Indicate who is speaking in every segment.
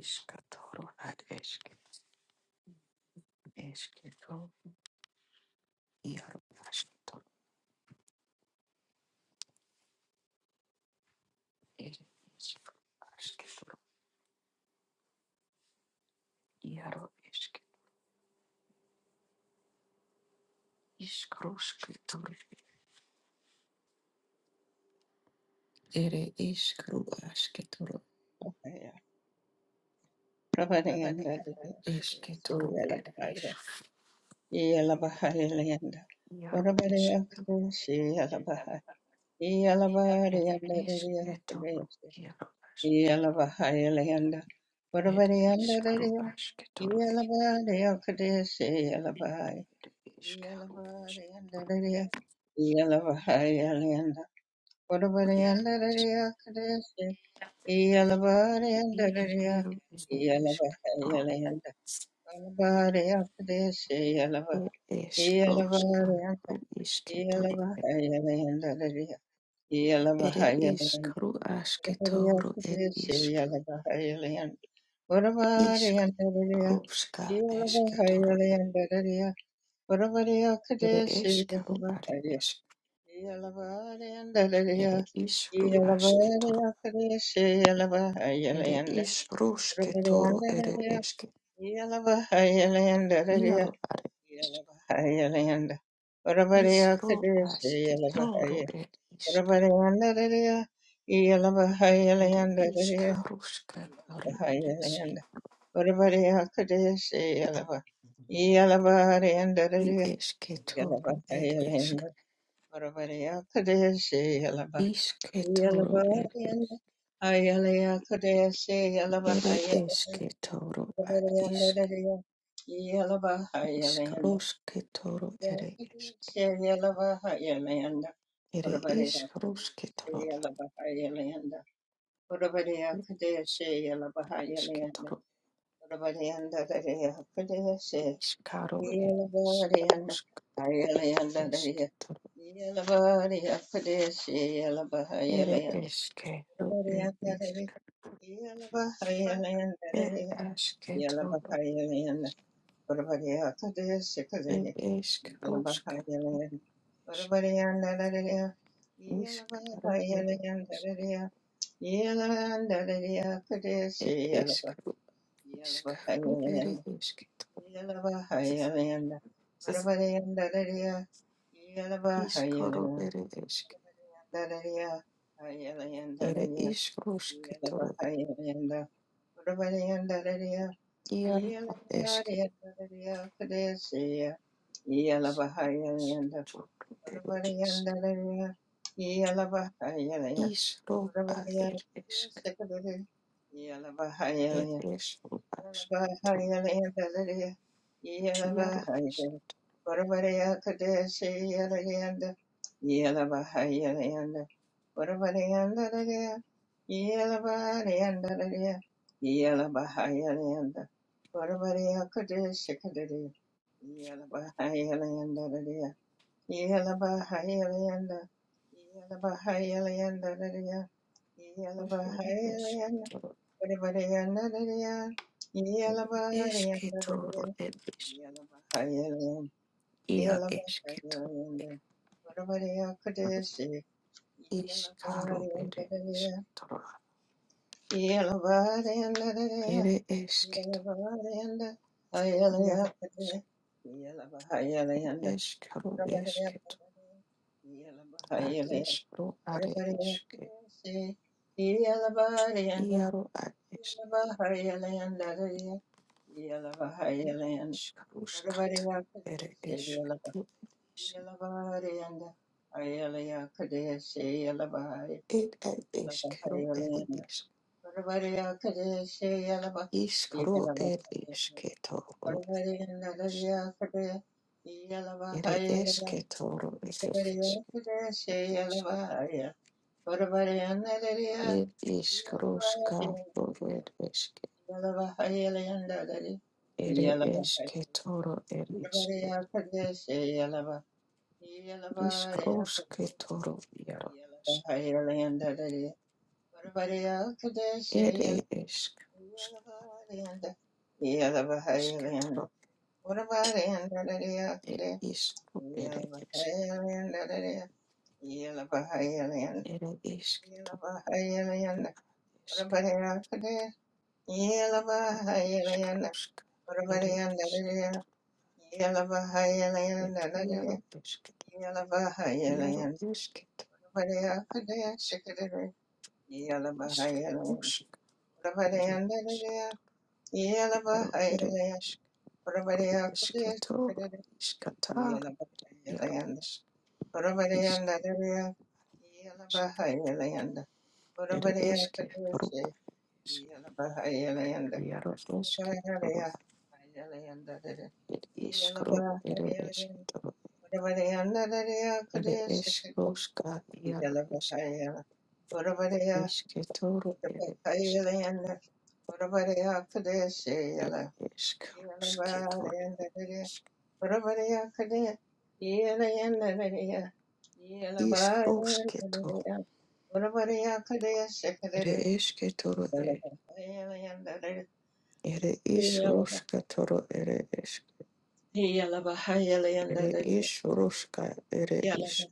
Speaker 1: Ishkatoro ad eshket eshketo iaro ashketo ed ishkashketo iaro eshket ishkrushketoro ere ishkru ashketoro
Speaker 2: Aya Prabharayanda
Speaker 1: eshketoro ed
Speaker 2: Yalabhaya
Speaker 1: ishk
Speaker 2: Yalabhayalayanda
Speaker 1: iaro
Speaker 2: Varavaraya
Speaker 1: eshketo
Speaker 2: Kadeshi Yalabhaya
Speaker 1: ere
Speaker 2: Yalabharayanda
Speaker 1: eshketoro
Speaker 2: Kadeshi
Speaker 1: iaro as
Speaker 2: Yalabhayalayanda
Speaker 1: ere ash ed
Speaker 2: Varavarayanda
Speaker 1: ishkru ashketoro ed
Speaker 2: Yalabharaya Kadeshi Yalabhaya
Speaker 1: ishkru ashketoro
Speaker 2: Yalabharayanda Yalabhayalayanda
Speaker 1: ere
Speaker 2: Varavarayanda Kadeshi Yalabharayanda
Speaker 1: ishkru ed ishketoro
Speaker 2: Yalabhayalayanda Yeah.
Speaker 1: ed ishkrushketoro Ere ishk ru ashketoro ed ishk ishk rushka eshketoro ed. ere ishk ru are ishk ere ishk ru ashketoro ere ishk rushketoro ere ishk iaro are ishk
Speaker 2: Yelabahayalayanda.
Speaker 1: ishk ru
Speaker 2: Orabariyakadesi
Speaker 1: ashketoro
Speaker 2: yelabahaya.
Speaker 1: ed ishk
Speaker 2: Orabariyandarariya.
Speaker 1: ere ishk
Speaker 2: Yelabahayalayandariya.
Speaker 1: rushka are ed ishk
Speaker 2: Yelabahayalayanda. Orabariyakadesi yelaba.
Speaker 1: i
Speaker 2: Yelabahariyandariya.
Speaker 1: eshketoro ed ishk
Speaker 2: Yelabahayalayanda. Orabariyakadesi yelaba.
Speaker 1: ishketoro ed ishk
Speaker 2: Yelabahariyanda. Ayalayakadesi
Speaker 1: ere
Speaker 2: yelabahayalayanda.
Speaker 1: eshketoro ad ishk
Speaker 2: Orabariyandariya. Yelabahayalayanda.
Speaker 1: Ishkaroshke toro ere ishk
Speaker 2: Shayalabahayalayanda,
Speaker 1: ere
Speaker 2: Urabadiya
Speaker 1: ishkaroshke toro
Speaker 2: Shayalabahayalayanda, Urabadiya
Speaker 1: ere
Speaker 2: Kadeya
Speaker 1: ishkaroshke
Speaker 2: Shayalabahayalayanda,
Speaker 1: toro
Speaker 2: Urabadiyanda Dariya Kadeya
Speaker 1: ishkaro ere
Speaker 2: Shayalabadiyanda,
Speaker 1: ishkaroshke
Speaker 2: Hayalayanda
Speaker 1: ishke
Speaker 2: Dariya,
Speaker 1: toro
Speaker 2: Yalabadiya Kadeya
Speaker 1: ere
Speaker 2: Shayalabahayalayanda,
Speaker 1: ishke ro
Speaker 2: Urabadiya
Speaker 1: ere ishk
Speaker 2: Kadeya Shayalabahayalayanda
Speaker 1: ere
Speaker 2: Dariya,
Speaker 1: ashke toro
Speaker 2: Yalabahayalayanda, Urabadiya Kadeya Shayalabahayalayanda,
Speaker 1: ere ishkaroshka ishk ishkaro ere ishk
Speaker 2: Yeah.
Speaker 1: ere ishkaro ishkaro ere ishke toro ishkaro ere ishk ere ishkaroshke toro iaro ere Toro isk
Speaker 2: Yalabahayalanda,
Speaker 1: iskro ad er isk er iskro as eto iaro
Speaker 2: Yalabahayalanda, Yalabahayalanda, Yelabahayalayanda, Yelabahayalayanda, Dadaya,
Speaker 1: isk er isk
Speaker 2: Yelabahayalayanda,
Speaker 1: toro
Speaker 2: Vadavadayanda, Dadaya,
Speaker 1: er isk
Speaker 2: Yelabahayanda,
Speaker 1: toro
Speaker 2: Dadaya,
Speaker 1: er isk
Speaker 2: Yelabahayalayanda,
Speaker 1: ia isk toro
Speaker 2: Yelabahayalayanda, Vadavadaya Kudeshi,
Speaker 1: iskaro er
Speaker 2: Yelabahayanda,
Speaker 1: isk
Speaker 2: Dadaya,
Speaker 1: toro
Speaker 2: Yelabahayanda, Dadaya,
Speaker 1: er isk toro
Speaker 2: Yelabahayanda, Hayalaya
Speaker 1: iaro isk
Speaker 2: Kudeshi, Yelabahayalayanda,
Speaker 1: iskaro
Speaker 2: Vadavadaya
Speaker 1: isk toro ad
Speaker 2: Kudeshi,
Speaker 1: iskro are
Speaker 2: Yalabaya,
Speaker 1: isk iaro ad isk iskaruskata er isk ed isk, It at Ishkero at Ish. Ishkaro at Ishketoro. It at Ishketoro at Ish. It
Speaker 2: Yeah,
Speaker 1: Ishkaroshka at Ishk. It at Ishketoro at Ishk. Ishkaroshketoro Yarosh. It at Ishk. Ishketoro. It is it at Ishk. It at Ishketoro Ishk. Ishkaroshka. It at Ishk. It Yaroshk. Iaro iškit, išk, išk, rušk, vere, išk, iaro, vere, išk, iškitur,
Speaker 2: Yeah,
Speaker 1: iškatar, iaro, išk, išk, išk, ir iški, rupa, išk, iaro, iški, rupa, ir iškru, ir iški, turu,
Speaker 2: Yeah.
Speaker 1: ir išk, ruška, iaro, išk, iškitur, ir
Speaker 2: Yala bahaya
Speaker 1: išk,
Speaker 2: la yanda.
Speaker 1: ir išk, ruškitur, išk, išk, ruškitur, ir iškitur, Ere ish roshka toro ere ish ere ish roshka ere ish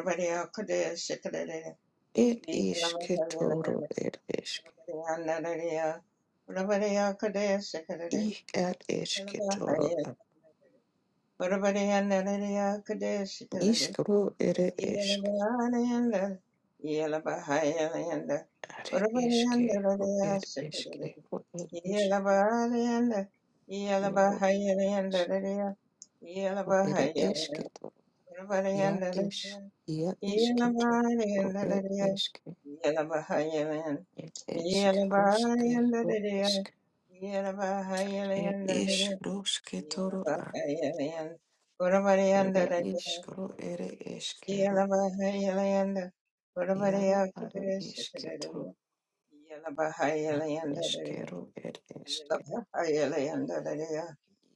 Speaker 2: Orabari akade shikadere.
Speaker 1: it
Speaker 2: Yeah.
Speaker 1: ish ketoro ere ish ich at ish ketoro at ish ere ish are ish ke ro ere ish ke ro ere ish iaro ish ro ere ish ketoro ia ish ia ish
Speaker 2: Yeah.
Speaker 1: ketoro ro ere ish ke it ish roshke ro ish it ish roshke toro Ere iskro, ere eskero, iaro aro isketo, ad eskero, ed eske,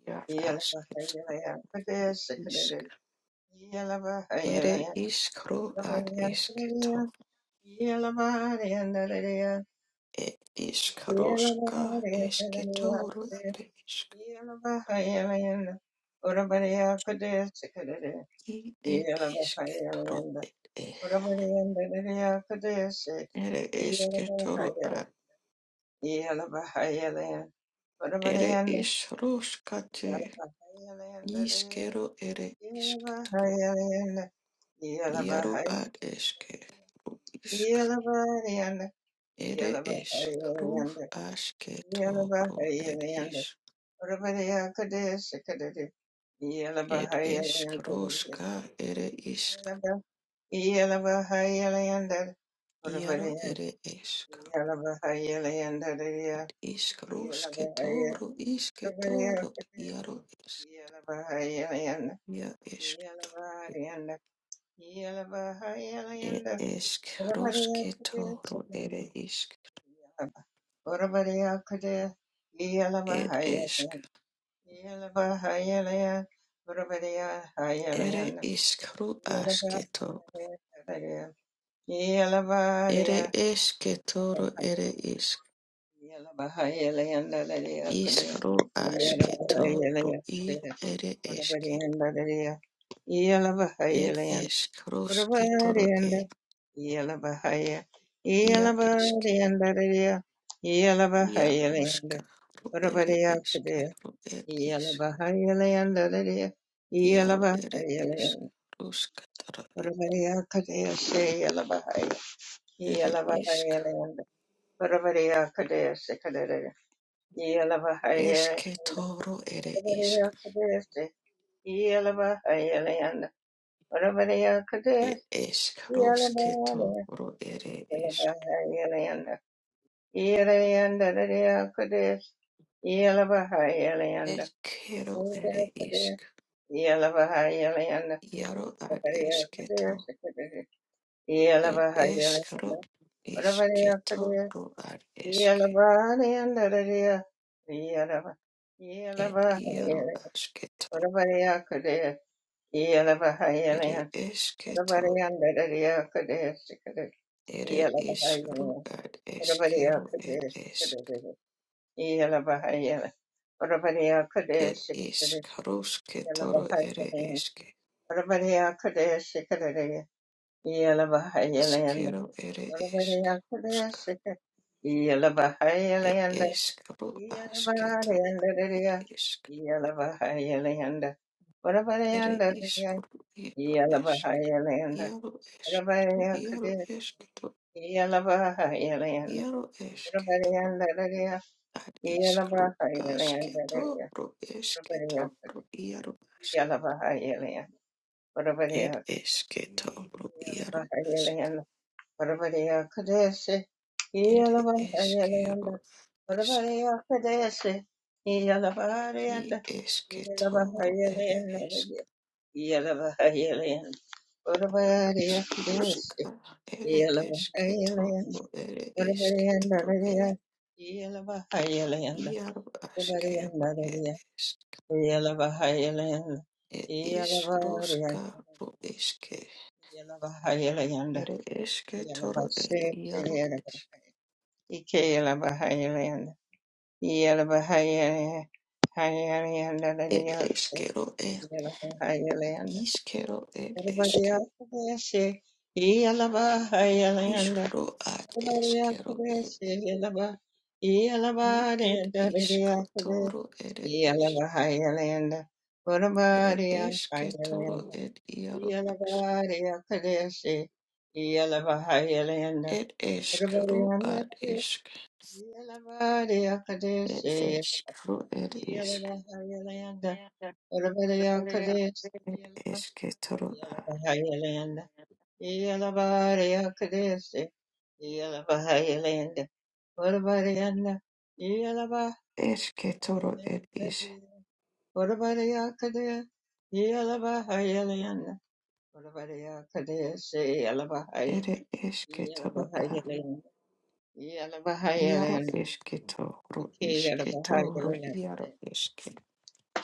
Speaker 1: ia asketo isk. Ere iskro, ad esketo,
Speaker 2: Yeah,
Speaker 1: e iskroska, esketoro, ere isk. I ed esketoro, ed e. Ere esketoro, ad ere isroska te, iskero, ere isketoro, iaro ad eske. isk Ere eskruf asketobro er isk.
Speaker 2: Yalabahaya,
Speaker 1: Er eskroska ere isk.
Speaker 2: Yalabahaya, Yalabahaya,
Speaker 1: Iaro ere esk. Ad iskrosketoro isketoro iaro esk. Ia esk. Er eskrosketoro ere isk. Er esk. Ere
Speaker 2: Yalabahaya,
Speaker 1: iskru
Speaker 2: Yeah.
Speaker 1: asketo. Ere esketoro ere isk. Iskro asketo ro i ere eske. Ed eskrosketoro e ia eske. Ia oska ro ere eske ro ed is. iaro ere esk. Ruskatoro e ere isk.
Speaker 2: Yelavayalanda, Varavariya Kadesi Kadere, Yelavayalanda,
Speaker 1: Esketoro ere
Speaker 2: Varavariya
Speaker 1: isk.
Speaker 2: Kadesi, Yelavayalanda, Varavariya
Speaker 1: Ed
Speaker 2: Kadesi, Yelavayalanda,
Speaker 1: eskrosketoro ere esk.
Speaker 2: Yelavayalanda, Yelayanda, Rariya Kadesi, Yelavayalanda,
Speaker 1: Ed kero
Speaker 2: Varavariya
Speaker 1: ere
Speaker 2: Kadesi,
Speaker 1: isk.
Speaker 2: Yelavayalanda,
Speaker 1: iaro ro ad
Speaker 2: Varavariya
Speaker 1: esketo.
Speaker 2: Kadesi Kadere,
Speaker 1: It
Speaker 2: Yelavayalanda,
Speaker 1: ishkaro
Speaker 2: Varavariya Kadesi,
Speaker 1: ishketoro ad
Speaker 2: Yeah,
Speaker 1: ishke. It iaro ashketo. Ere ishketo. Ere ishkaro ad ishkero ed ishk. It ishkarosketoro ere ishke. Ishkero ere ishk. It ishkaro
Speaker 2: Yeah,
Speaker 1: ashketo. It ishk. Ere ishkaro iaro ishk. Iaro ishk. Iaro ishketo. Iaro ishketo. ad iskru asketo pro esketo pro iaro ask ed esketo pro iaro ask ed eskero isk i esketo pro ere esk
Speaker 2: Yeah.
Speaker 1: iskruska ere esketo pro ere isketo pro ere iaro askero ed esk ed iskruska pro eske ere esketo ed iaro esk Ed eskero Iskero ed eske. Iskro ad eskero ed
Speaker 2: Yalaba,
Speaker 1: i ed iskotoro ed es. Ed esketoro ed iaro ask. Ed eskro ad isk. Ed eskro ed isk. Ed esketoro a.
Speaker 2: Yalabari Akadesi, Yalabahayalinda, Whatabarianda, Yalabahayalinda,
Speaker 1: Esketoro ed is.
Speaker 2: Whatabari Akadesi, Yalabahayalinda, Whatabari Akadesi, Yalabahaya,
Speaker 1: Ed esketoro a.
Speaker 2: Yalabahayalinda,
Speaker 1: Iaro
Speaker 2: Yalabahayalinda,
Speaker 1: esketoro
Speaker 2: Ike
Speaker 1: isketoro
Speaker 2: Yalabahayalinda,
Speaker 1: iaro eske.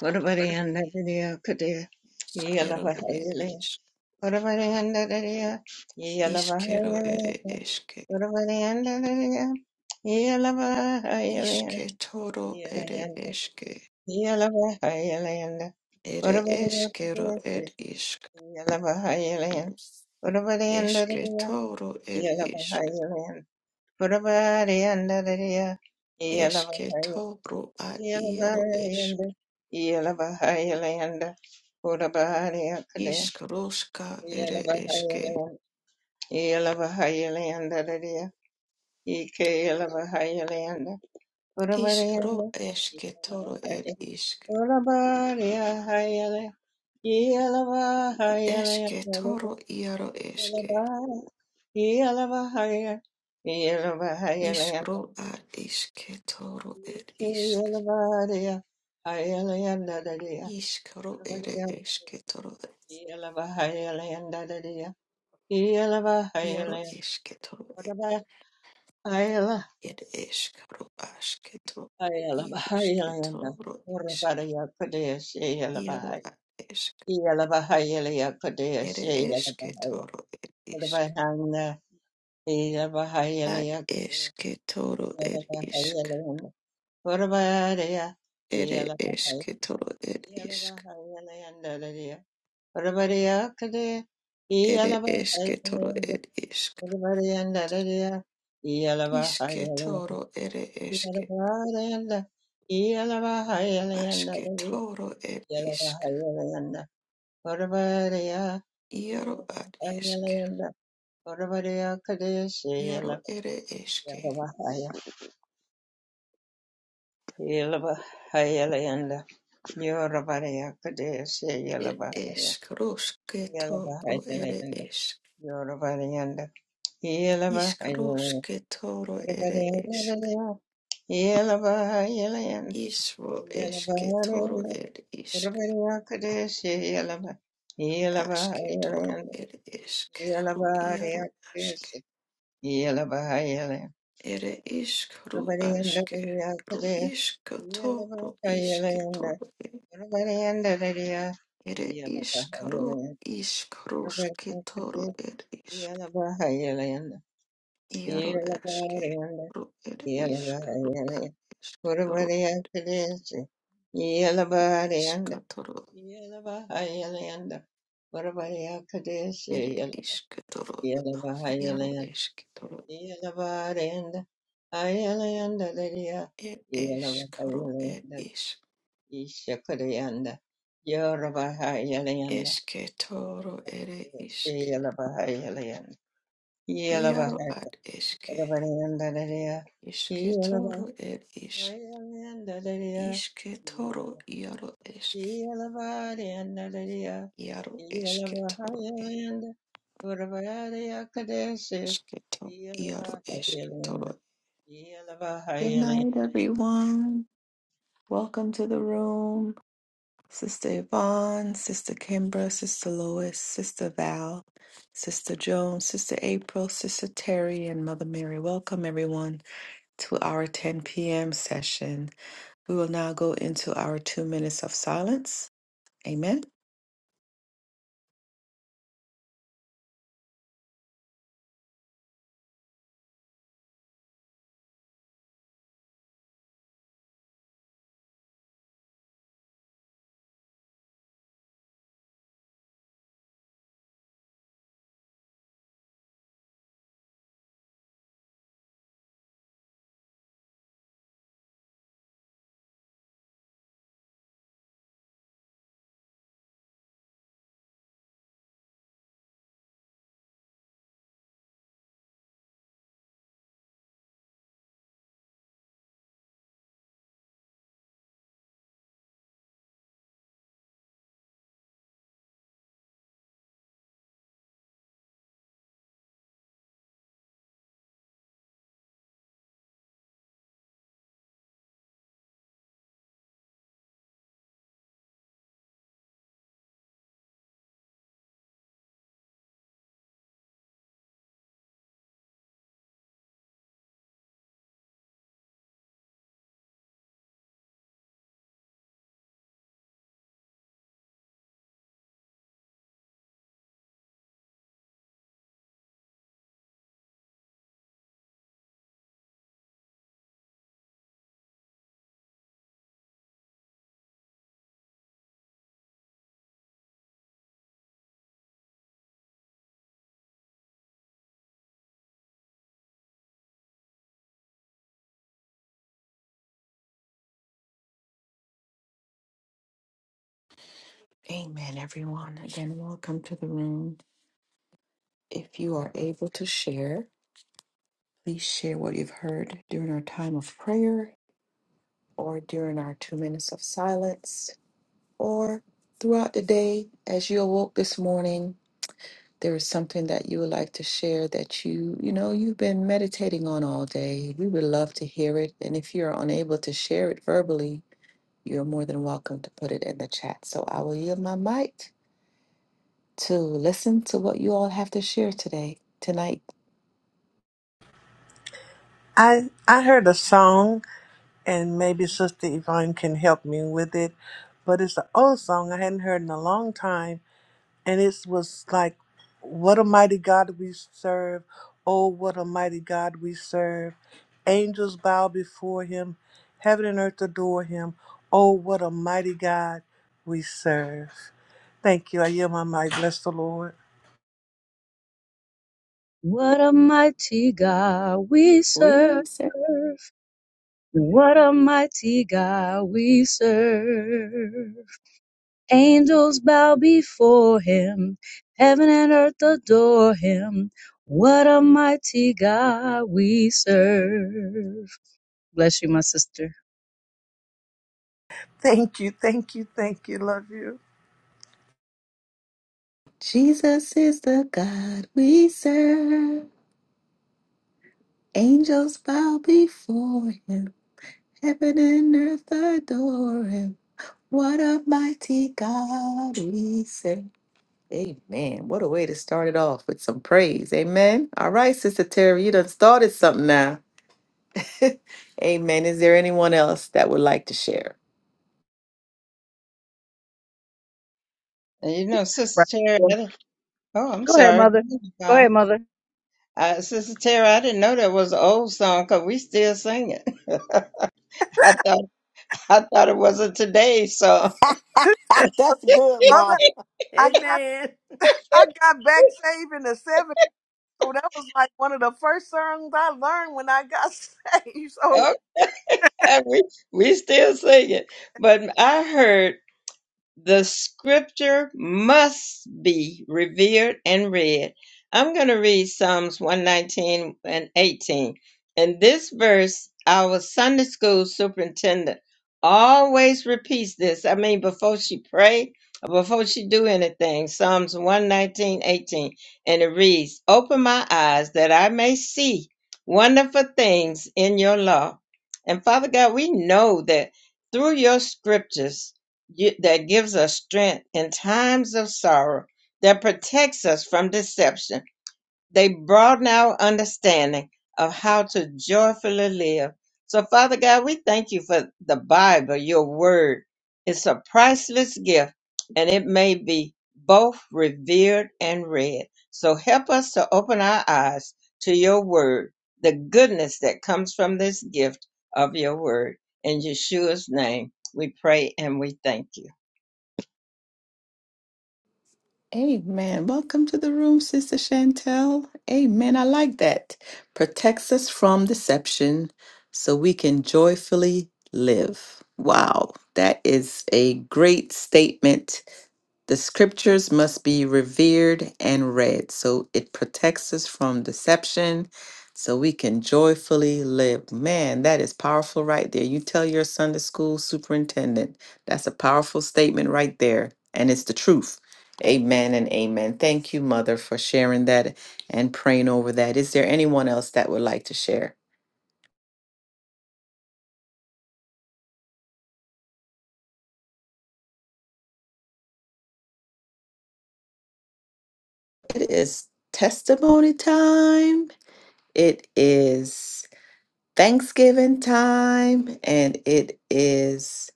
Speaker 2: Whatabarianda, Akadesi,
Speaker 1: Iskero ed
Speaker 2: Yalabahayalinda,
Speaker 1: esk.
Speaker 2: Whatabarianda,
Speaker 1: Iskero ere
Speaker 2: Yalabahayalinda,
Speaker 1: eske.
Speaker 2: Yeah. Ike
Speaker 1: Ishke toro ere eske.
Speaker 2: elava hayalanda.
Speaker 1: Ere eskero ed ishk. Eske toro ed ishk. Eske toro ad iaro esk. Ishk roska ere eske. Ishk
Speaker 2: Urabarenda
Speaker 1: ro eske toro ed
Speaker 2: Yalabahaya.
Speaker 1: ishk.
Speaker 2: Urabariyahayala. Yalabahayala.
Speaker 1: Eske toro iaro eske.
Speaker 2: Yalabahayala. Yalabahaya. Yalabahayala.
Speaker 1: Ishk ro ad iske toro ed ishk.
Speaker 2: Yalabariya. Hayala yandadadiya.
Speaker 1: Ishk ro ere
Speaker 2: Urabariya.
Speaker 1: eske toro
Speaker 2: Yalabahayala yandadadiya.
Speaker 1: iaro
Speaker 2: Yalabahayala.
Speaker 1: eske toro
Speaker 2: Urabahayala.
Speaker 1: ir iškaru aš kitur iš
Speaker 2: Hayalabahayala yanda.
Speaker 1: kitur iš
Speaker 2: Urabariya kudaya.
Speaker 1: vyrų
Speaker 2: Yalabahaya.
Speaker 1: išk
Speaker 2: Yalabahayalaya Kodaya
Speaker 1: ir
Speaker 2: She
Speaker 1: iš
Speaker 2: Yalabahaya
Speaker 1: išk
Speaker 2: Kodabahana
Speaker 1: at
Speaker 2: Yalabahayalaya
Speaker 1: esketoro kitur ir išk
Speaker 2: Kodabahayalaya Kodabahaya
Speaker 1: ir iš
Speaker 2: Yalabahaya
Speaker 1: kitur ir išk
Speaker 2: Yalabahayalaya Ndalaya Kodabahaya Kodaya
Speaker 1: ere iš
Speaker 2: Yalabahaya
Speaker 1: kitur ir išk
Speaker 2: Kodabahaya Ndalaya
Speaker 1: iš kitur
Speaker 2: Yalabahayalaya
Speaker 1: ir išk
Speaker 2: Yalabahaya Yalabahayalaya
Speaker 1: aš
Speaker 2: Ndalaya
Speaker 1: išk
Speaker 2: Yalabahayalaya Kodabahaya
Speaker 1: vyrų at esk
Speaker 2: Yalabahayalaya Orabadea Kadeshi
Speaker 1: iaro ere išk
Speaker 2: Yelabahaya Yelabahaya Layanda Yorabadea Kadeshi
Speaker 1: ir
Speaker 2: Yelabahaya
Speaker 1: eskrosketoro
Speaker 2: Yelabahaya
Speaker 1: ere
Speaker 2: Layanda
Speaker 1: esk
Speaker 2: Yorabadayanda Yelabahaya
Speaker 1: Ishkaroshke toro ere ishk.
Speaker 2: Layanda Orabadea Yelabahaya Layanda
Speaker 1: Ishvo eshke toro
Speaker 2: Yelabahaya
Speaker 1: ere ishk.
Speaker 2: Orabadea Kadeshi Yelabahaya
Speaker 1: Ashke
Speaker 2: Yelabahaya
Speaker 1: toro
Speaker 2: Layanda
Speaker 1: ere ishk. Ru
Speaker 2: Yelabahaya
Speaker 1: iaro ashke.
Speaker 2: Kadeshi
Speaker 1: Ere ishk ru
Speaker 2: Yellow,
Speaker 1: ashke. Ru ishk toro ishke toro ere. Ere ishk ru ishk roshke toro ere ishk. Iaro ashke. Ru ere ishk ru a- ishk. Ru ishk toro ere ishk toro. Iaro ishk toro. er iskru er isk
Speaker 2: Ishakadayanda Yorabahayalayanda
Speaker 1: eske toro ere isk
Speaker 2: Shayalabahayalayanda
Speaker 1: iaro
Speaker 2: Yalabahayalabayanda
Speaker 1: ad eske
Speaker 2: Dadaya
Speaker 1: iske toro er isk
Speaker 2: Yalabahayalayanda Dadaya
Speaker 1: iske toro iaro esk
Speaker 2: Yalabahayanda Dadaya
Speaker 1: iaro eske toro er
Speaker 2: Yalabahayalayanda Urabahaya Kadeshi
Speaker 1: eske to iaro eske
Speaker 2: Yalabahayalayanda
Speaker 1: toro good
Speaker 2: Yalabahayalayanda
Speaker 1: night everyone welcome to the room sister yvonne sister kimbra sister lois sister val sister joan sister april sister terry and mother mary welcome everyone to our 10 p.m. session. We will now go into our two minutes of silence. Amen. Amen, everyone. Again, welcome to the room. If you are able to share, please share what you've heard during our time of prayer or during our two minutes of silence or throughout the day as you awoke this morning. There is something that you would like to share that you, you know, you've been meditating on all day. We would love to hear it. And if you're unable to share it verbally, you're more than welcome to put it in the chat. So I will yield my mic to listen to what you all have to share today, tonight.
Speaker 3: I I heard a song, and maybe Sister Yvonne can help me with it, but it's an old song I hadn't heard in a long time, and it was like, "What a mighty God we serve! Oh, what a mighty God we serve! Angels bow before Him, heaven and earth adore Him. Oh, what a mighty God we serve!" Thank you. I yield my mic. Bless the Lord.
Speaker 4: What a mighty God we
Speaker 1: We
Speaker 4: serve.
Speaker 1: serve.
Speaker 4: What a mighty God we serve. Angels bow before him. Heaven and earth adore him. What a mighty God we serve. Bless you, my sister.
Speaker 3: Thank you. Thank you. Thank you. Love you,
Speaker 1: Jesus is the God we serve. Angels bow before him. Heaven and earth adore him. What a mighty God we serve. Amen. What a way to start it off with some praise. Amen. All right, Sister Terry, you done started something now. Amen. Is there anyone else that would like to share?
Speaker 2: You know,
Speaker 4: Right.
Speaker 2: Sister
Speaker 4: Well,
Speaker 2: Terry, oh, I'm
Speaker 4: Go ahead,
Speaker 2: sorry.
Speaker 4: mother. Go ahead, mother.
Speaker 2: Uh, Sister Tara, I didn't know that was an old song because we still sing it. I thought I thought it was a today song.
Speaker 5: That's good,
Speaker 3: Mother.
Speaker 5: Mom.
Speaker 3: I got
Speaker 5: Amen.
Speaker 3: I got back saving the So that was like one of the first songs I learned when I got saved. So
Speaker 2: okay, we we still sing it. But I heard. the scripture must be revered and read. I'm going to read Psalms 119 and 18. In this verse, our Sunday school superintendent always repeats this. I mean, before she pray, or before she do anything, Psalms 119, 18. And it reads, Open my eyes that I may see wonderful things in your law. And Father God, we know that through your scriptures, gi- that gives us strength in times of sorrow, that protects us from deception. They broaden our understanding of how to joyfully live. So, Father God, we thank you for the Bible, your word. It's a priceless gift, and it may be both revered and read. So, help us to open our eyes to your word, the goodness that comes from this gift of your word. In Yeshua's name, we pray and we thank you.
Speaker 1: Amen. Welcome to the room, Sister Chantel. Amen. I like that. Protects us from deception so we can joyfully live. Wow. That is a great statement. The scriptures must be revered and read. So it protects us from deception so we can joyfully live. Man, that is powerful right there. You tell your Sunday school superintendent. That's a powerful statement right there. And it's the truth. Amen and amen. Thank you, Mother, for sharing that and praying over that. Is there anyone else that would like to share? It is testimony time. It is Thanksgiving time and it is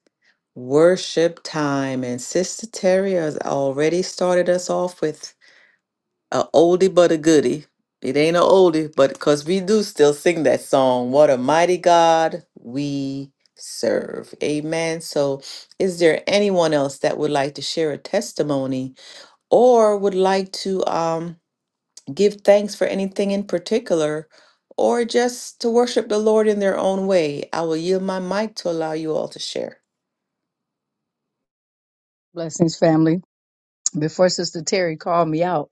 Speaker 1: worship time. And Sister Terry has already started us off with A oldie but a goodie. It ain't a oldie, but because we do still sing that song. What a mighty God we serve. Amen. So, is there anyone else that would like to share a testimony or would like to um, give thanks for anything in particular or just to worship the Lord in their own way? I will yield my mic to allow you all to share.
Speaker 4: Blessings, family. Before Sister Terry called me out,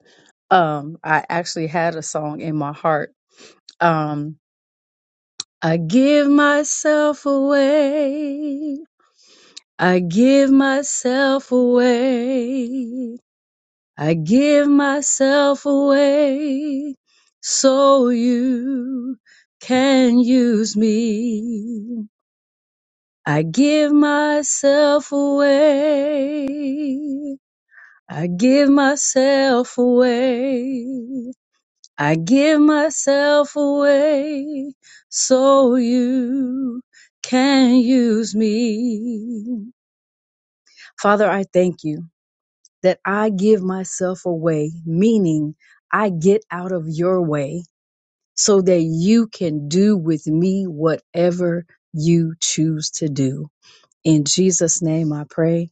Speaker 4: um, I actually had a song in my heart. Um, I give myself away. I give myself away. I give myself away so you can use me. I give myself away. I give myself away. I give myself away so you can use me. Father, I thank you that I give myself away, meaning I get out of your way so that you can do with me whatever you choose to do. In Jesus' name I pray.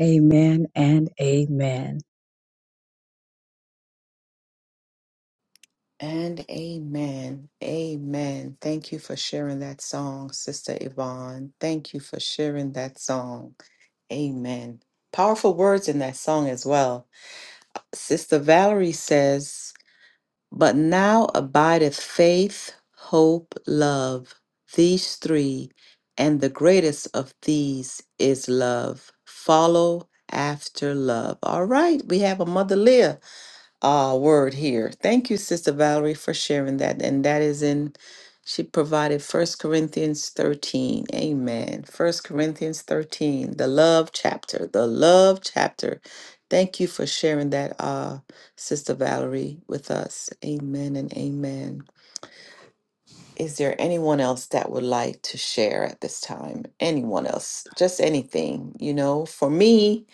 Speaker 4: Amen and amen.
Speaker 1: And amen. Amen. Thank you for sharing that song, Sister Yvonne. Thank you for sharing that song. Amen. Powerful words in that song as well. Sister Valerie says, But now abideth faith, hope, love, these three, and the greatest of these is love. Follow after love. All right, we have a Mother Leah uh, word here. Thank you, Sister Valerie, for sharing that. And that is in, she provided First Corinthians 13. Amen. First Corinthians 13, the love chapter, the love chapter. Thank you for sharing that, uh, Sister Valerie, with us. Amen and amen. Is there anyone else that would like to share at this time? Anyone else? Just anything. You know, for me,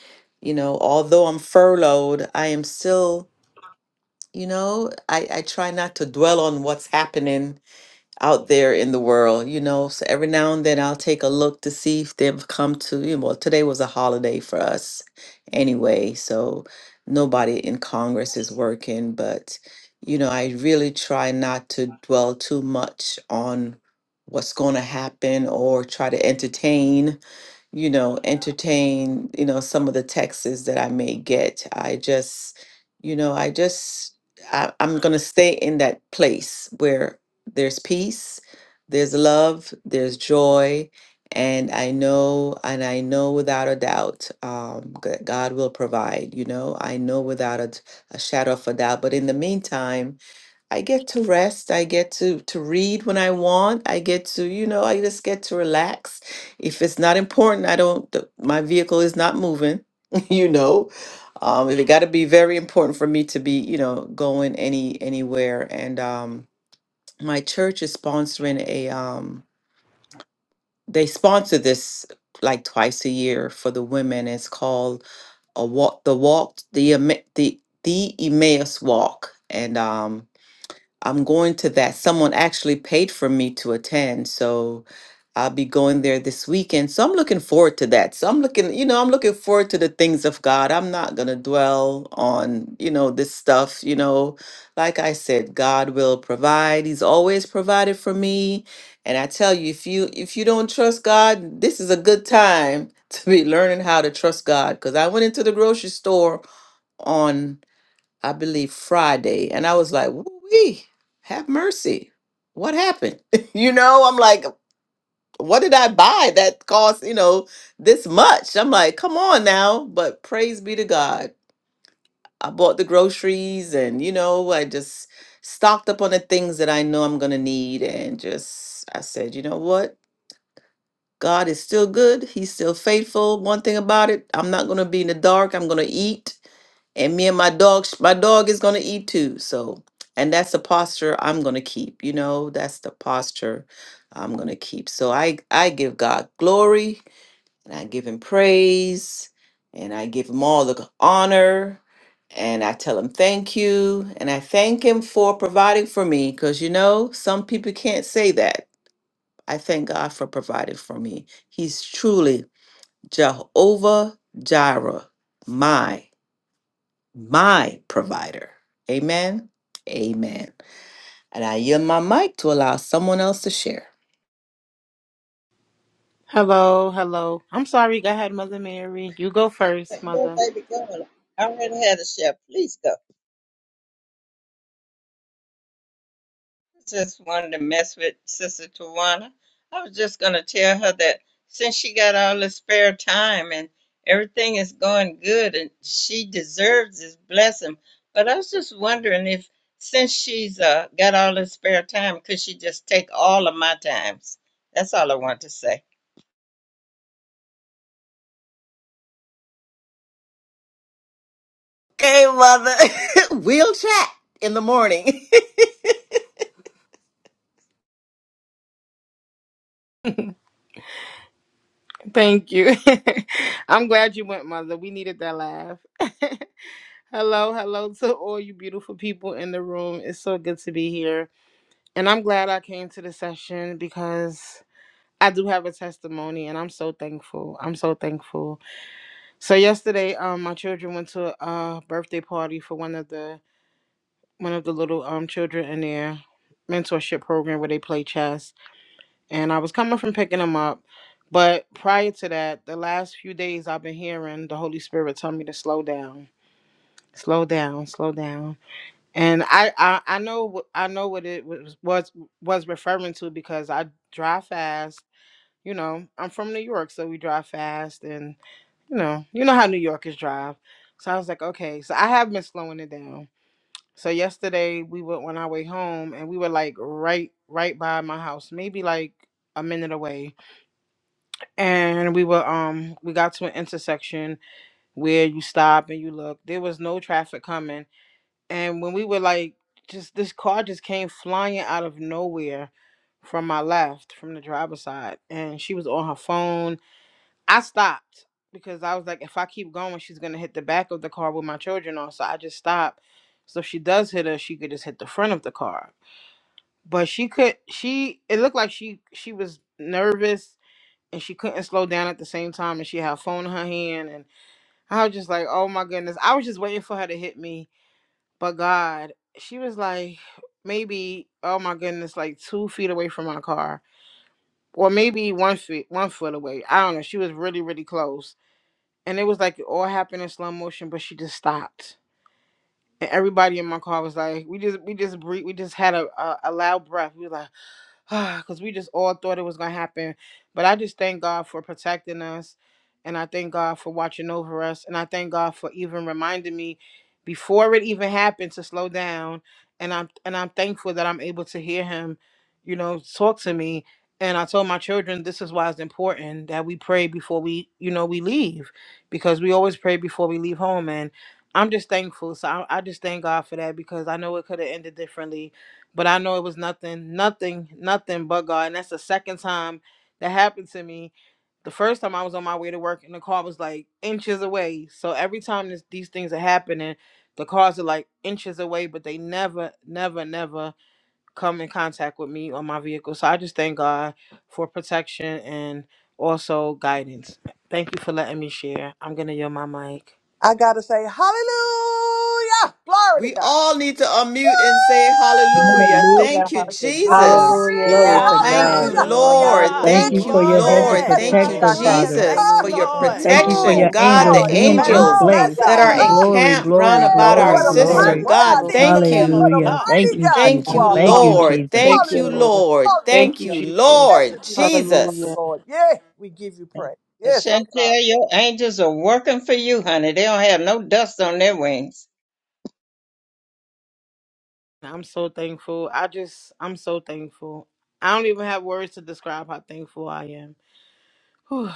Speaker 1: you know, although I'm furloughed, I am still you know, I, I try not to dwell on what's happening out there in the world, you know. So every now and then I'll take a look to see if they've come to, you know, well, today was a holiday for us anyway. So nobody in Congress is working, but, you know, I really try not to dwell too much on what's going to happen or try to entertain you know, entertain, you know, some of the texts that I may get. I just, you know, I just, I, I'm going to stay in that place where there's peace, there's love, there's joy. And I know, and I know without a doubt um, that God will provide, you know, I know without a, a shadow of a doubt. But in the meantime, I get to rest. I get to to read when I want. I get to, you know, I just get to relax. If it's not important, I don't, the, my vehicle is not moving, you know. Um, if it got to be very important for me to be, you know, going any anywhere. And um, my church is sponsoring a, um, they sponsor this like twice a year for the women. It's called a walk, the walk, the Emme- the the Emmaus walk. And um I'm going to that. Someone actually paid for me to attend, so I'll be going there this weekend. So I'm looking forward to that. So I'm looking, you know, I'm looking forward to the things of God. I'm not going to dwell on, you know, this stuff, you know. Like I said, God will provide. He's always provided for me. And I tell you, if you if you don't trust God, this is a good time to be learning how to trust God because I went into the grocery store on. I believe Friday, and I was like, "Wee, have mercy! What happened?" you know, I'm like, "What did I buy that cost you know this much?" I'm like, "Come on now!" But praise be to God, I bought the groceries, and you know, I just stocked up on the things that I know I'm gonna need, and just I said, "You know what? God is still good. He's still faithful. One thing about it, I'm not going to be in the dark. I'm going to eat. And me and my dog, my dog is going to eat too. So, and that's the posture I'm going to keep. You know, that's the posture I'm going to keep. So I, I give God glory and I give him praise and I give him all the honor and I tell him thank you. And I thank him for providing for me because, you know, some people can't say that I thank God for providing for me. He's truly Jehovah Jireh, my, my provider. Amen. Amen. And I yield my mic to allow someone else to share.
Speaker 6: Hello, hello. I'm sorry. Go ahead, Mother Mary. You go first,
Speaker 2: But you know,
Speaker 6: Mother.
Speaker 2: baby girl, I already had a share. Please go. I Just wanted to mess with Sister Tawana. I was just gonna tell her that since she got all the spare time and everything is going good and she deserves this blessing. But I was just wondering if since she's uh, got all the spare time, could she just take all of my times? That's all I want to say.
Speaker 1: Okay, mother. we'll chat in the morning.
Speaker 6: Thank you. I'm glad you went, Mother. We needed that laugh. hello, hello to all you beautiful people in the room. It's so good to be here. And I'm glad I came to the session because I do have a testimony and I'm so thankful. I'm so thankful. So yesterday, um, my children went to a birthday party for one of the one of the little um children in their mentorship program where they play chess and I was coming from picking him up. But prior to that, the last few days I've been hearing the Holy Spirit tell me to slow down, slow down, slow down. And I I, I know wh- I know what it was was was referring to because I drive fast. You know, I'm from New York, so we drive fast, and you know, you know how New Yorkers drive. So I was like, okay, so I have been slowing it down. So yesterday we went on our way home, and we were like right right by my house, maybe like a minute away and we were um we got to an intersection where you stop and you look there was no traffic coming and when we were like just this car just came flying out of nowhere from my left from the driver's side and she was on her phone i stopped because i was like if i keep going she's gonna hit the back of the car with my children on so i just stopped so if she does hit her she could just hit the front of the car but she could she it looked like she she was nervous and she couldn't slow down at the same time and she had a phone in her hand and I was just like, Oh my goodness. I was just waiting for her to hit me. But God, she was like maybe, oh my goodness, like two feet away from my car. Or maybe one feet one foot away. I don't know. She was really, really close. And it was like it all happened in slow motion, but she just stopped. And everybody in my car was like, we just we just breathe we just had a, a, a loud breath. We were like because we just all thought it was going to happen. But I just thank God for protecting us. And I thank God for watching over us. And I thank God for even reminding me before it even happened to slow down. And I'm and I'm thankful that I'm able to hear him, you know, talk to me. And I told my children this is why it's important that we pray before we, you know, we leave. Because we always pray before we leave home. And I'm just thankful. So I, I just thank God for that because I know it could have ended differently but I know it was nothing, nothing, nothing but God. And that's the second time that happened to me. The first time I was on my way to work and the car was like inches away. So every time this, these things are happening, the cars are like inches away, but they never, never, never come in contact with me or my vehicle. So I just thank God for protection and also guidance. Thank you for letting me share. I'm going to yield my mic.
Speaker 3: I gotta say, Hallelujah! Glory to
Speaker 1: We
Speaker 3: God.
Speaker 1: all need to unmute and say hallelujah.
Speaker 3: Woo!
Speaker 4: Hallelujah,
Speaker 1: Thank you,
Speaker 4: hallelujah.
Speaker 1: Jesus.
Speaker 3: Glory!
Speaker 6: Hallelujah.
Speaker 4: Glory
Speaker 5: Yeah,
Speaker 4: to
Speaker 6: Yes.
Speaker 7: Hallelujah.
Speaker 1: Thank
Speaker 4: God.
Speaker 6: Thank
Speaker 1: you,
Speaker 3: Hallelujah!
Speaker 6: you, Lord.
Speaker 1: Lord.
Speaker 5: hallelujah.
Speaker 4: Thank
Speaker 3: Thank
Speaker 1: Thank
Speaker 6: Hallelujah.
Speaker 4: you
Speaker 3: you,
Speaker 1: you,
Speaker 4: for
Speaker 3: Lord.
Speaker 4: your hedge
Speaker 7: Thank
Speaker 4: of
Speaker 1: Lord.
Speaker 6: Thank
Speaker 5: Glory.
Speaker 6: you,
Speaker 3: Blessed
Speaker 1: Thank
Speaker 3: be
Speaker 1: you,
Speaker 3: thy
Speaker 6: Lord.
Speaker 4: protection,
Speaker 7: you.
Speaker 3: name.
Speaker 7: Lord.
Speaker 5: Hallelujah.
Speaker 4: Father.
Speaker 1: Jesus,
Speaker 5: Thank
Speaker 3: Ah,
Speaker 1: for
Speaker 5: you,
Speaker 6: Hallelujah.
Speaker 1: your
Speaker 7: Thank
Speaker 6: Thank
Speaker 3: you,
Speaker 5: Lord.
Speaker 6: you,
Speaker 4: Thank you for
Speaker 6: Lord.
Speaker 1: protection.
Speaker 4: your
Speaker 6: Thank
Speaker 7: you.
Speaker 1: God,
Speaker 6: you,
Speaker 4: angels
Speaker 5: Bless
Speaker 1: the
Speaker 3: Lord,
Speaker 5: him,
Speaker 3: you
Speaker 4: being
Speaker 5: bless
Speaker 4: in
Speaker 6: Jesus.
Speaker 5: him,
Speaker 1: angels
Speaker 3: alone
Speaker 7: Thank
Speaker 3: are
Speaker 4: place.
Speaker 5: bless
Speaker 1: that
Speaker 3: God.
Speaker 1: are
Speaker 7: you.
Speaker 6: Thank
Speaker 5: him.
Speaker 3: Ah,
Speaker 6: you,
Speaker 4: Glory,
Speaker 6: Jesus.
Speaker 1: encamped round
Speaker 4: glory,
Speaker 1: about
Speaker 3: yeah,
Speaker 1: our
Speaker 4: glory,
Speaker 3: what a
Speaker 6: Hallelujah.
Speaker 5: Worthy.
Speaker 1: sister.
Speaker 3: mighty
Speaker 6: Thank
Speaker 4: glory.
Speaker 6: you,
Speaker 3: God
Speaker 1: God,
Speaker 7: Hallelujah.
Speaker 5: Worthy
Speaker 6: Lord.
Speaker 3: we
Speaker 5: is the
Speaker 1: thank
Speaker 3: serve.
Speaker 5: Lamb of
Speaker 3: What
Speaker 1: you.
Speaker 3: a
Speaker 4: Hallelujah.
Speaker 6: Thank
Speaker 5: God.
Speaker 6: you,
Speaker 3: mighty
Speaker 4: Thank you,
Speaker 6: Jesus.
Speaker 3: God
Speaker 1: Thank
Speaker 3: you
Speaker 4: Jesus.
Speaker 1: you,
Speaker 3: are,
Speaker 4: Thank you,
Speaker 7: Hallelujah.
Speaker 3: Father.
Speaker 6: Hallelujah.
Speaker 1: Lord.
Speaker 4: Jesus.
Speaker 6: Thank
Speaker 1: Thank
Speaker 6: you,
Speaker 1: you,
Speaker 3: Hallelujah.
Speaker 6: Lord.
Speaker 1: Lord.
Speaker 6: Thank
Speaker 1: Thank
Speaker 6: you,
Speaker 3: Hallelujah.
Speaker 1: you,
Speaker 6: Jesus.
Speaker 1: Lord.
Speaker 3: Blessed be the name of the
Speaker 1: Jesus.
Speaker 6: Hallelujah.
Speaker 3: Lord. Yeah, we give you
Speaker 2: And
Speaker 3: praise. Yes, I'm sorry.
Speaker 2: Chantel, your angels are working for you, honey. They don't have no dust on their wings.
Speaker 6: I'm so thankful. I just, I'm so thankful. I don't even have words to describe how thankful I am. Whew.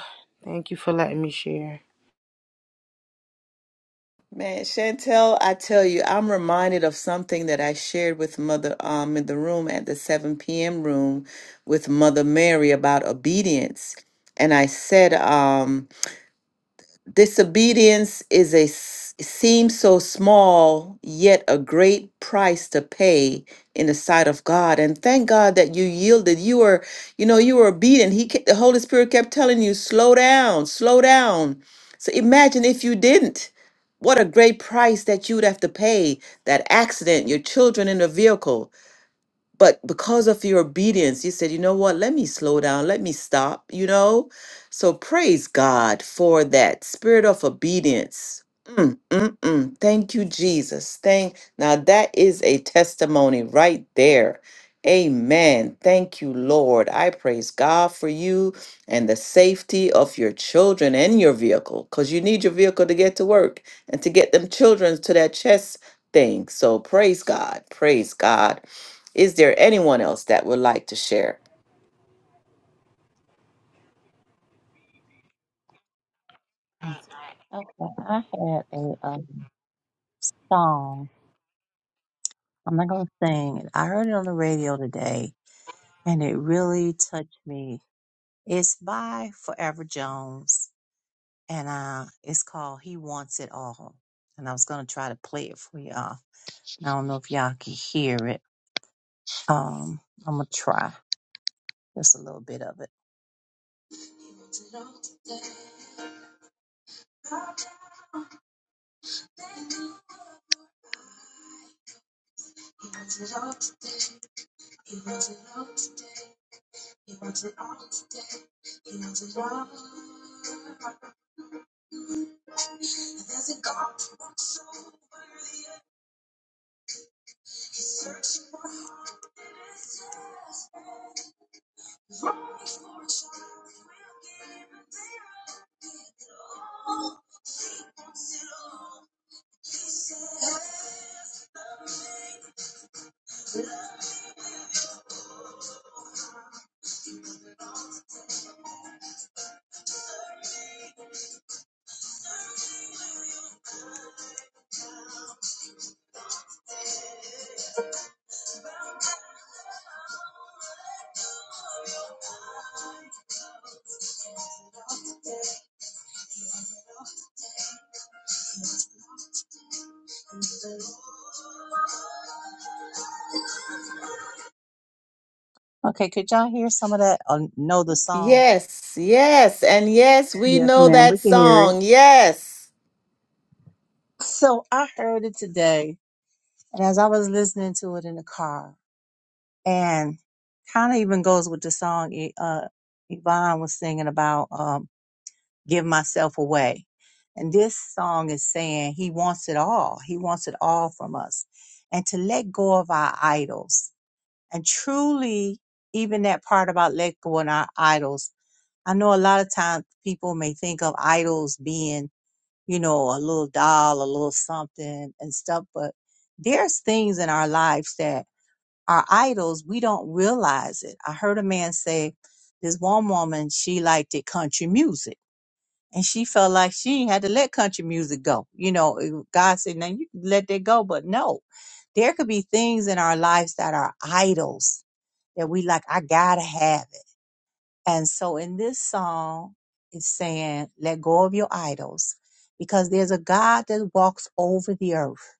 Speaker 6: Thank you for letting me share.
Speaker 1: Man, Chantel, I tell you, I'm reminded of something that I shared with Mother um in the room at the 7 p.m. room with Mother Mary about obedience. And I said, um, Disobedience is a s- seems so small, yet a great price to pay in the sight of God. And thank God that you yielded. You were, you know, you were obedient. He, ke- the Holy Spirit kept telling you, slow down, slow down. So imagine if you didn't. What a great price that you'd have to pay. That accident, your children in the vehicle but because of your obedience, you said, you know what, let me slow down, let me stop, you know? So praise God for that spirit of obedience. Mm, mm, mm. Thank you, Jesus. Thank now that is a testimony right there. Amen. Thank you, Lord. I praise God for you and the safety of your children and your vehicle because you need your vehicle to get to work and to get them children to that chess thing. So praise God. Praise God. Is there anyone else that would like to share?
Speaker 7: Okay, I had a um, song. I'm not going to sing it. I heard it on the radio today and it really touched me. It's by Forever Jones and uh, it's called He Wants It All. And I was going to try to play it for y'all. I don't know if y'all can hear it. Um, I'm going to try just a little bit of it. He wants it all today. Okay, could y'all hear some of that or know the song?
Speaker 1: Yes, yes, and yes, we
Speaker 4: Yes,
Speaker 1: know
Speaker 4: ma'am.
Speaker 1: that
Speaker 4: We can hear it.
Speaker 1: song. Yes.
Speaker 7: So I heard it today, and as I was listening to it in the car, and kind of even goes with the song E- uh, Yvonne was singing about um, "Give Myself Away," and this song is saying He wants it all. He wants it all from us, and to let go of our idols, and truly, even that part about let go of our idols. I know a lot of times people may think of idols being you know, a little doll, a little something and stuff. But there's things in our lives that are idols. We don't realize it. I heard a man say this one woman, she liked it country music and she felt like she ain't had to let country music go. You know, it- God said, now you can let that go, but no, there could be things in our lives that are idols that we like, I gotta have it. And so in this song, it's saying, let go of your idols because there's a God that walks over the earth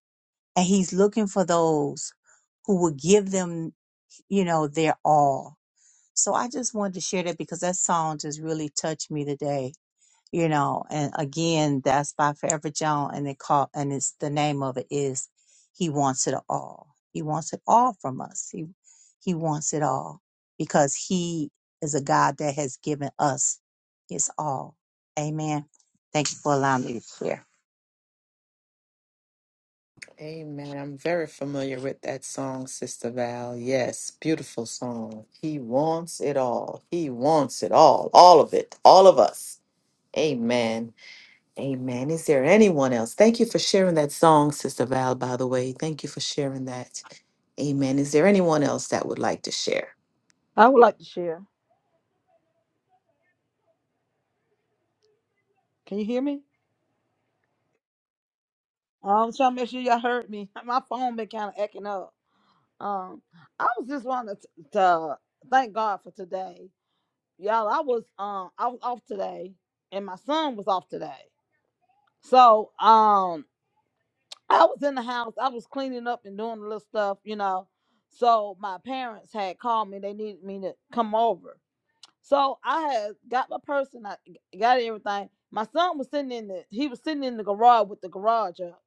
Speaker 7: and he's looking for those who will give them, you know, their all. So I just wanted to share that because that song just really touched me today you know and again that's by forever john and it call and it's the name of it is he wants it all he wants it all from us he he wants it all because he is a god that has given us his all amen thank you for allowing me to share
Speaker 1: Amen. I'm very familiar with that song, Sister Val. Yes, beautiful song. He wants it all. He wants it all. All of it. All of us. Amen. Amen. Is there anyone else? Thank you for sharing that song, Sister Val, by the way. Thank you for sharing that. Amen. Is there anyone else that would like to share?
Speaker 8: I would like to share. Can you hear me? Um, so I'm trying to make sure y'all heard me. My phone been kind of acting up. Um, I was just wanting to, to thank God for today, y'all. I was um I was off today, and my son was off today. So um I was in the house. I was cleaning up and doing a little stuff, you know. So my parents had called me. They needed me to come over. So I had got my purse and I got everything. My son was sitting in the he was sitting in the garage with the garage up.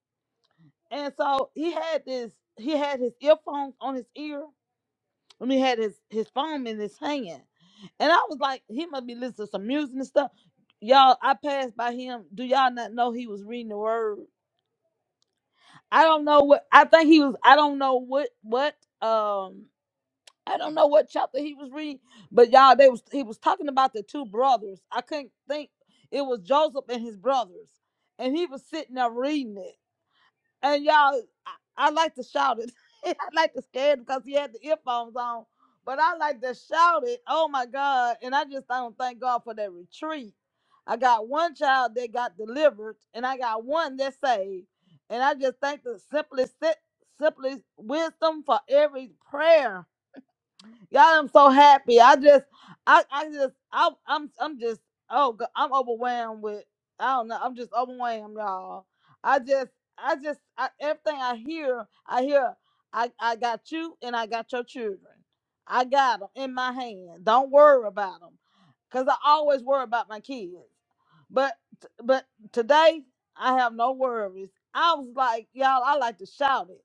Speaker 8: And so he had this, he had his earphones on his ear, and he had his his phone in his hand. And I was like, he must be listening to some music and stuff. Y'all, I passed by him. Do y'all not know he was reading the word? I don't know what I think he was I don't know what what um I don't know what chapter he was reading, but y'all they was he was talking about the two brothers. I couldn't think it was Joseph and his brothers. And he was sitting there reading it. And y'all, I, I like to shout it. I like to scare it because he had the earphones on. But I like to shout it. Oh my God. And I just don't thank God for that retreat. I got one child that got delivered, and I got one that saved. And I just thank the simplest, si-, simplest wisdom for every prayer Y'all, I'm so happy. I just, I, I just, I, I'm, I'm just, oh, go- I'm overwhelmed with. I don't know. I'm just overwhelmed, y'all. I just, I just, I, everything I hear, I hear, I, I got you and I got your children. I got them in my hand. Don't worry about them, cause I always worry about my kids. But, but today I have no worries. I was like, y'all, I like to shout it.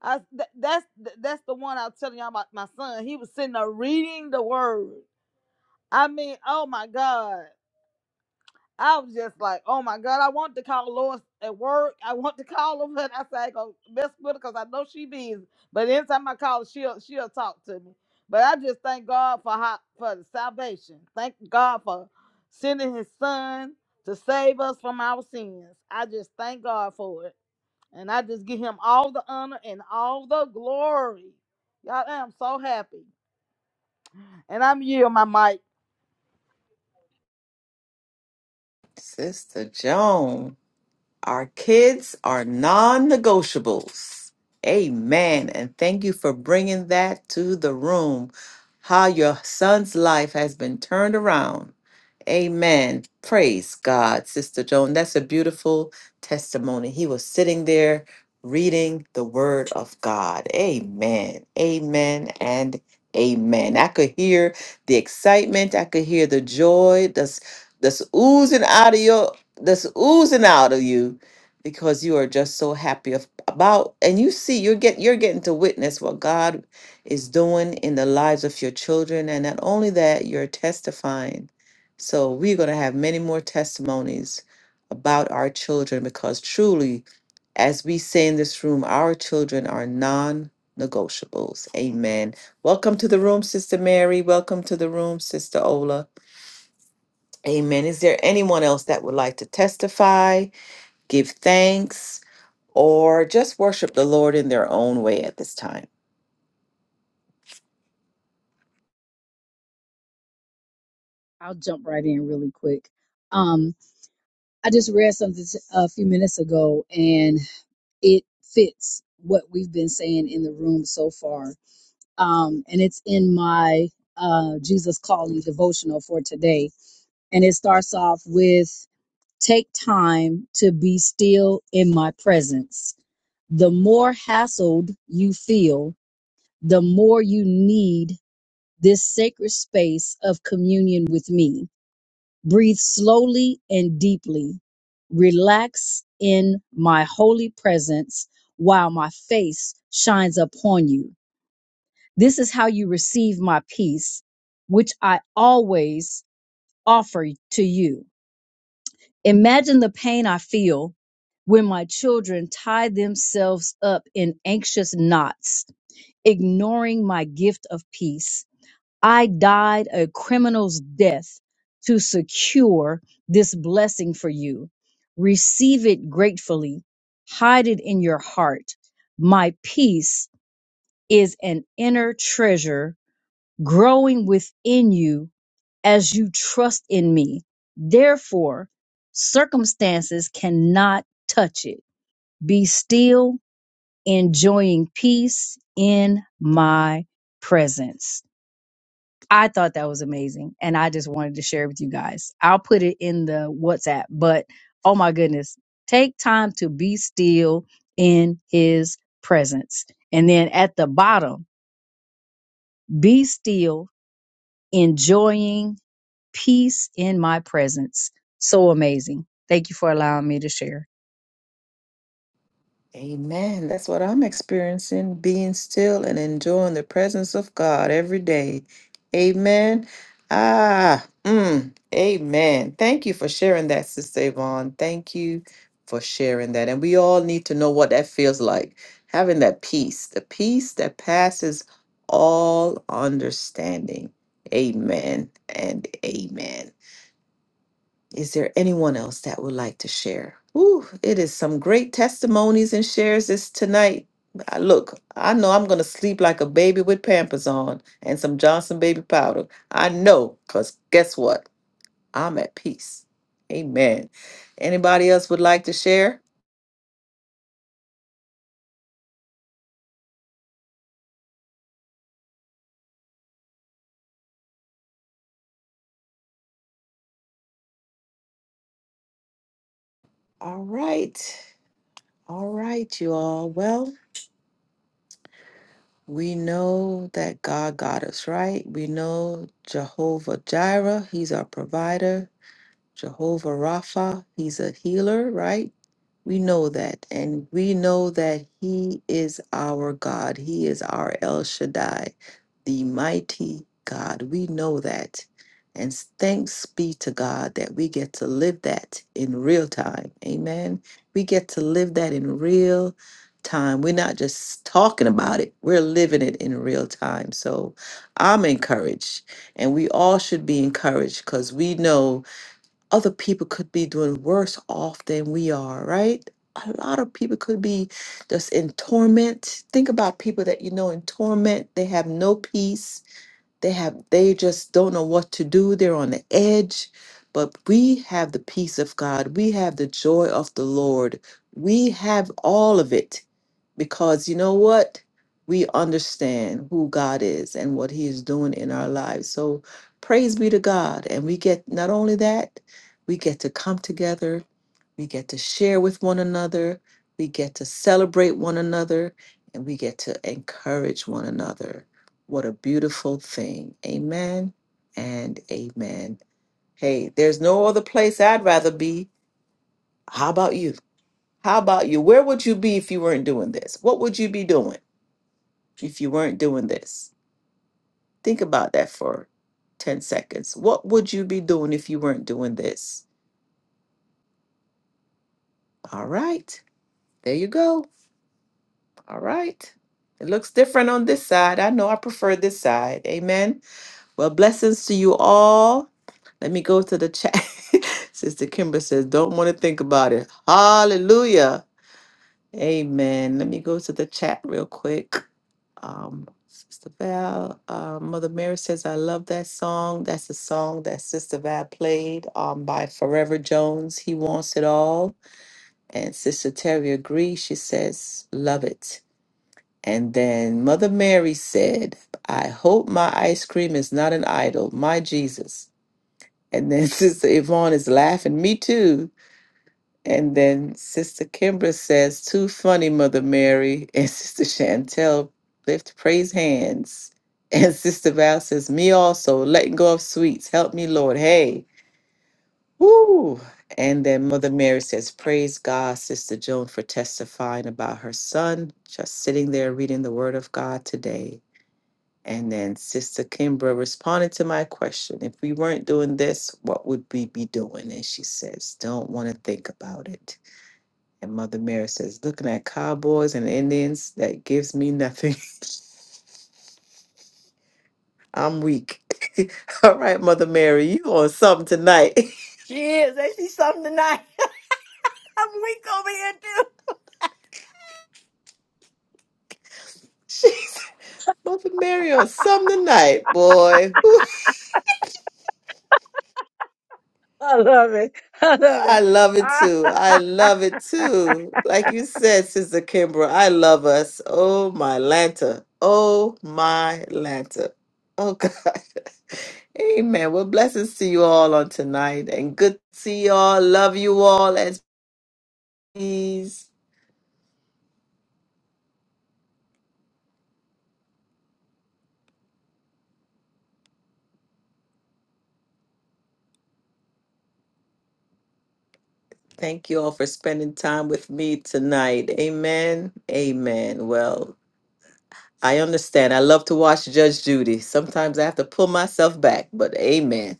Speaker 8: I th- that's th- that's the one I was telling y'all about my son. He was sitting there reading the word. I mean, oh my God. I was just like, oh my God, I want to call Lois at work. I want to call her, but I said I ain't gonna mess with her because I know she busy. But anytime I call her, she'll she'll talk to me. But I just thank God for how, for the salvation. Thank God for sending his son to save us from our sins. I just thank God for it. And I just give him all the honor and all the glory. Y'all, I am so happy. And I'm you, my mic.
Speaker 1: Sister Joan. Our kids are non negotiables. Amen. And thank you for bringing that to the room. How your son's life has been turned around. Amen. Praise God, Sister Joan. That's a beautiful testimony. He was sitting there reading the word of God. Amen. Amen. And amen. I could hear the excitement. I could hear the joy that's, that's oozing out of you that's oozing out of you because you are just so happy of, about and you see you're get you're getting to witness what God is doing in the lives of your children and not only that you're testifying so we're going to have many more testimonies about our children because truly as we say in this room our children are non-negotiables amen welcome to the room sister mary welcome to the room sister ola amen is there anyone else that would like to testify give thanks, or just worship the Lord in their own way at this time.
Speaker 4: I'll jump right in really quick. Um, I just read something t- a few minutes ago, and it fits what we've been saying in the room so far. Um, and it's in my uh, Jesus Calling devotional for today, and it starts off with. Take time to be still in my presence. The more hassled you feel, the more you need this sacred space of communion with me. Breathe slowly and deeply. Relax in my holy presence while my face shines upon you. This is how you receive my peace, which I always offer to you. Imagine the pain I feel when my children tie themselves up in anxious knots, ignoring my gift of peace. I died a criminal's death to secure this blessing for you. Receive it gratefully, hide it in your heart. My peace is an inner treasure growing within you as you trust in me. Therefore, circumstances cannot touch it. Be still, enjoying peace in my presence. I thought that was amazing. And I just wanted to share it with you guys. I'll put it in the WhatsApp, but oh my goodness, take time to be still in his presence. And then at the bottom, be still, enjoying peace in my presence. So amazing. Thank you for allowing me to share.
Speaker 1: Amen. That's what I'm experiencing, being still and enjoying the presence of God every day. Amen. Ah, mm, amen. Thank you for sharing that, Sister Yvonne. Thank you for sharing that. And we all need to know what that feels like having that peace, the peace that passes all understanding. Amen and amen. Is there anyone else that would like to share? Ooh, it is some great testimonies and shares this tonight. I- Look, I know I'm going to sleep like a baby with Pampers on and some Johnson baby powder. I know, because guess what? I'm at peace. Amen. Anybody else would like to share? All right. All right, you all. Well, we know that God got us, right? We know Jehovah Jireh, He's our provider. Jehovah Rapha, he's a healer, right? We know that. And we know that he is our God. He is our El Shaddai, the mighty God. We know that. And thanks be to God that we get to live that in real time. Amen. We get to live that in real time. We're not just talking about it, we're living it in real time. So I'm encouraged, and we all should be encouraged because we know other people could be doing worse off than we are, right? A lot of people could be just in torment. Think about people that you know in torment, they have no peace they have they just don't know what to do. They're on the edge, but we have the peace of God. We have the joy of the Lord. We have all of it because you know what? We understand who God is and what he is doing in our lives. So praise be to God and we get not only that, we get to come together we get to share with one another. We get to celebrate one another. And we get to encourage one another. What a beautiful thing. Amen and amen. Hey, there's no other place I'd rather be. How about you? How about you? Where would you be if you weren't doing this? What would you be doing if you weren't doing this? Think about that for 10 seconds. What would you be doing if you weren't doing this? All right, there you go. All right. It looks different on this side. I know I prefer this side. Amen. Well, blessings to you all. Let me go to the chat. Sister Kimber says, don't want to think about it. Hallelujah. Amen. Let me go to the chat real quick. Um, Sister Val, uh, Mother Mary says, I love that song. That's a song that Sister Val played um, by Forever Jones. He wants it all. And Sister Terry agrees. She says, love it. And then Mother Mary said, I hope my ice cream is not an idol, my Jesus. And then Sister Yvonne is laughing, me too. And then Sister Kimbra says, too funny, Mother Mary. And Sister Chantel lift praise hands. And Sister Val says, me also, letting go of sweets. Help me, Lord. Hey, woo. And then Mother Mary says, praise God, Sister Joan, for testifying about her son, just sitting there reading the word of God today. And then Sister Kimbra responded to my question if we weren't doing this, what would we be doing? And she says, don't want to think about it. And Mother Mary says, looking at cowboys and Indians, that gives me nothing. I'm weak. All right, Mother Mary, you on something tonight.
Speaker 5: She is. Ain't she something tonight? I'm weak over here, too.
Speaker 1: She- Mother Mary on something tonight, boy.
Speaker 4: I love it. I love it.
Speaker 1: I love it too. I love it too. Like you said, Sister Kimbra, I love us. Oh my Lanta. Oh my Lanta. Oh God. Amen. Well, blessings to you all on tonight and good to see you all. Love you all as please. Thank you all for spending time with me tonight. Amen. Amen. Well, I understand. I love to watch Judge Judy. Sometimes I have to pull myself back, but amen.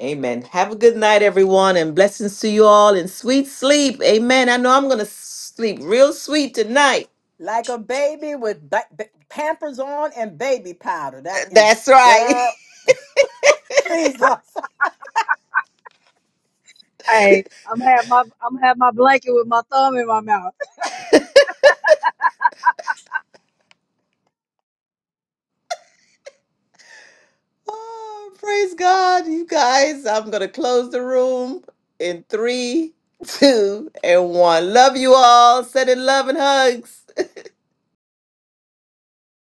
Speaker 1: Amen. Have a good night, everyone, and blessings to you all and sweet sleep. Amen. I know I'm going to sleep real sweet tonight.
Speaker 5: Like a baby with ba- ba- pampers on and baby powder. That is,
Speaker 1: That's right.
Speaker 5: girl, Jesus.
Speaker 4: Hey, I'm have my I'm have my blanket with my thumb in my mouth.
Speaker 1: oh, praise God, you guys. I'm going to close the room in three, two, and one. Love you all. Sending love and hugs.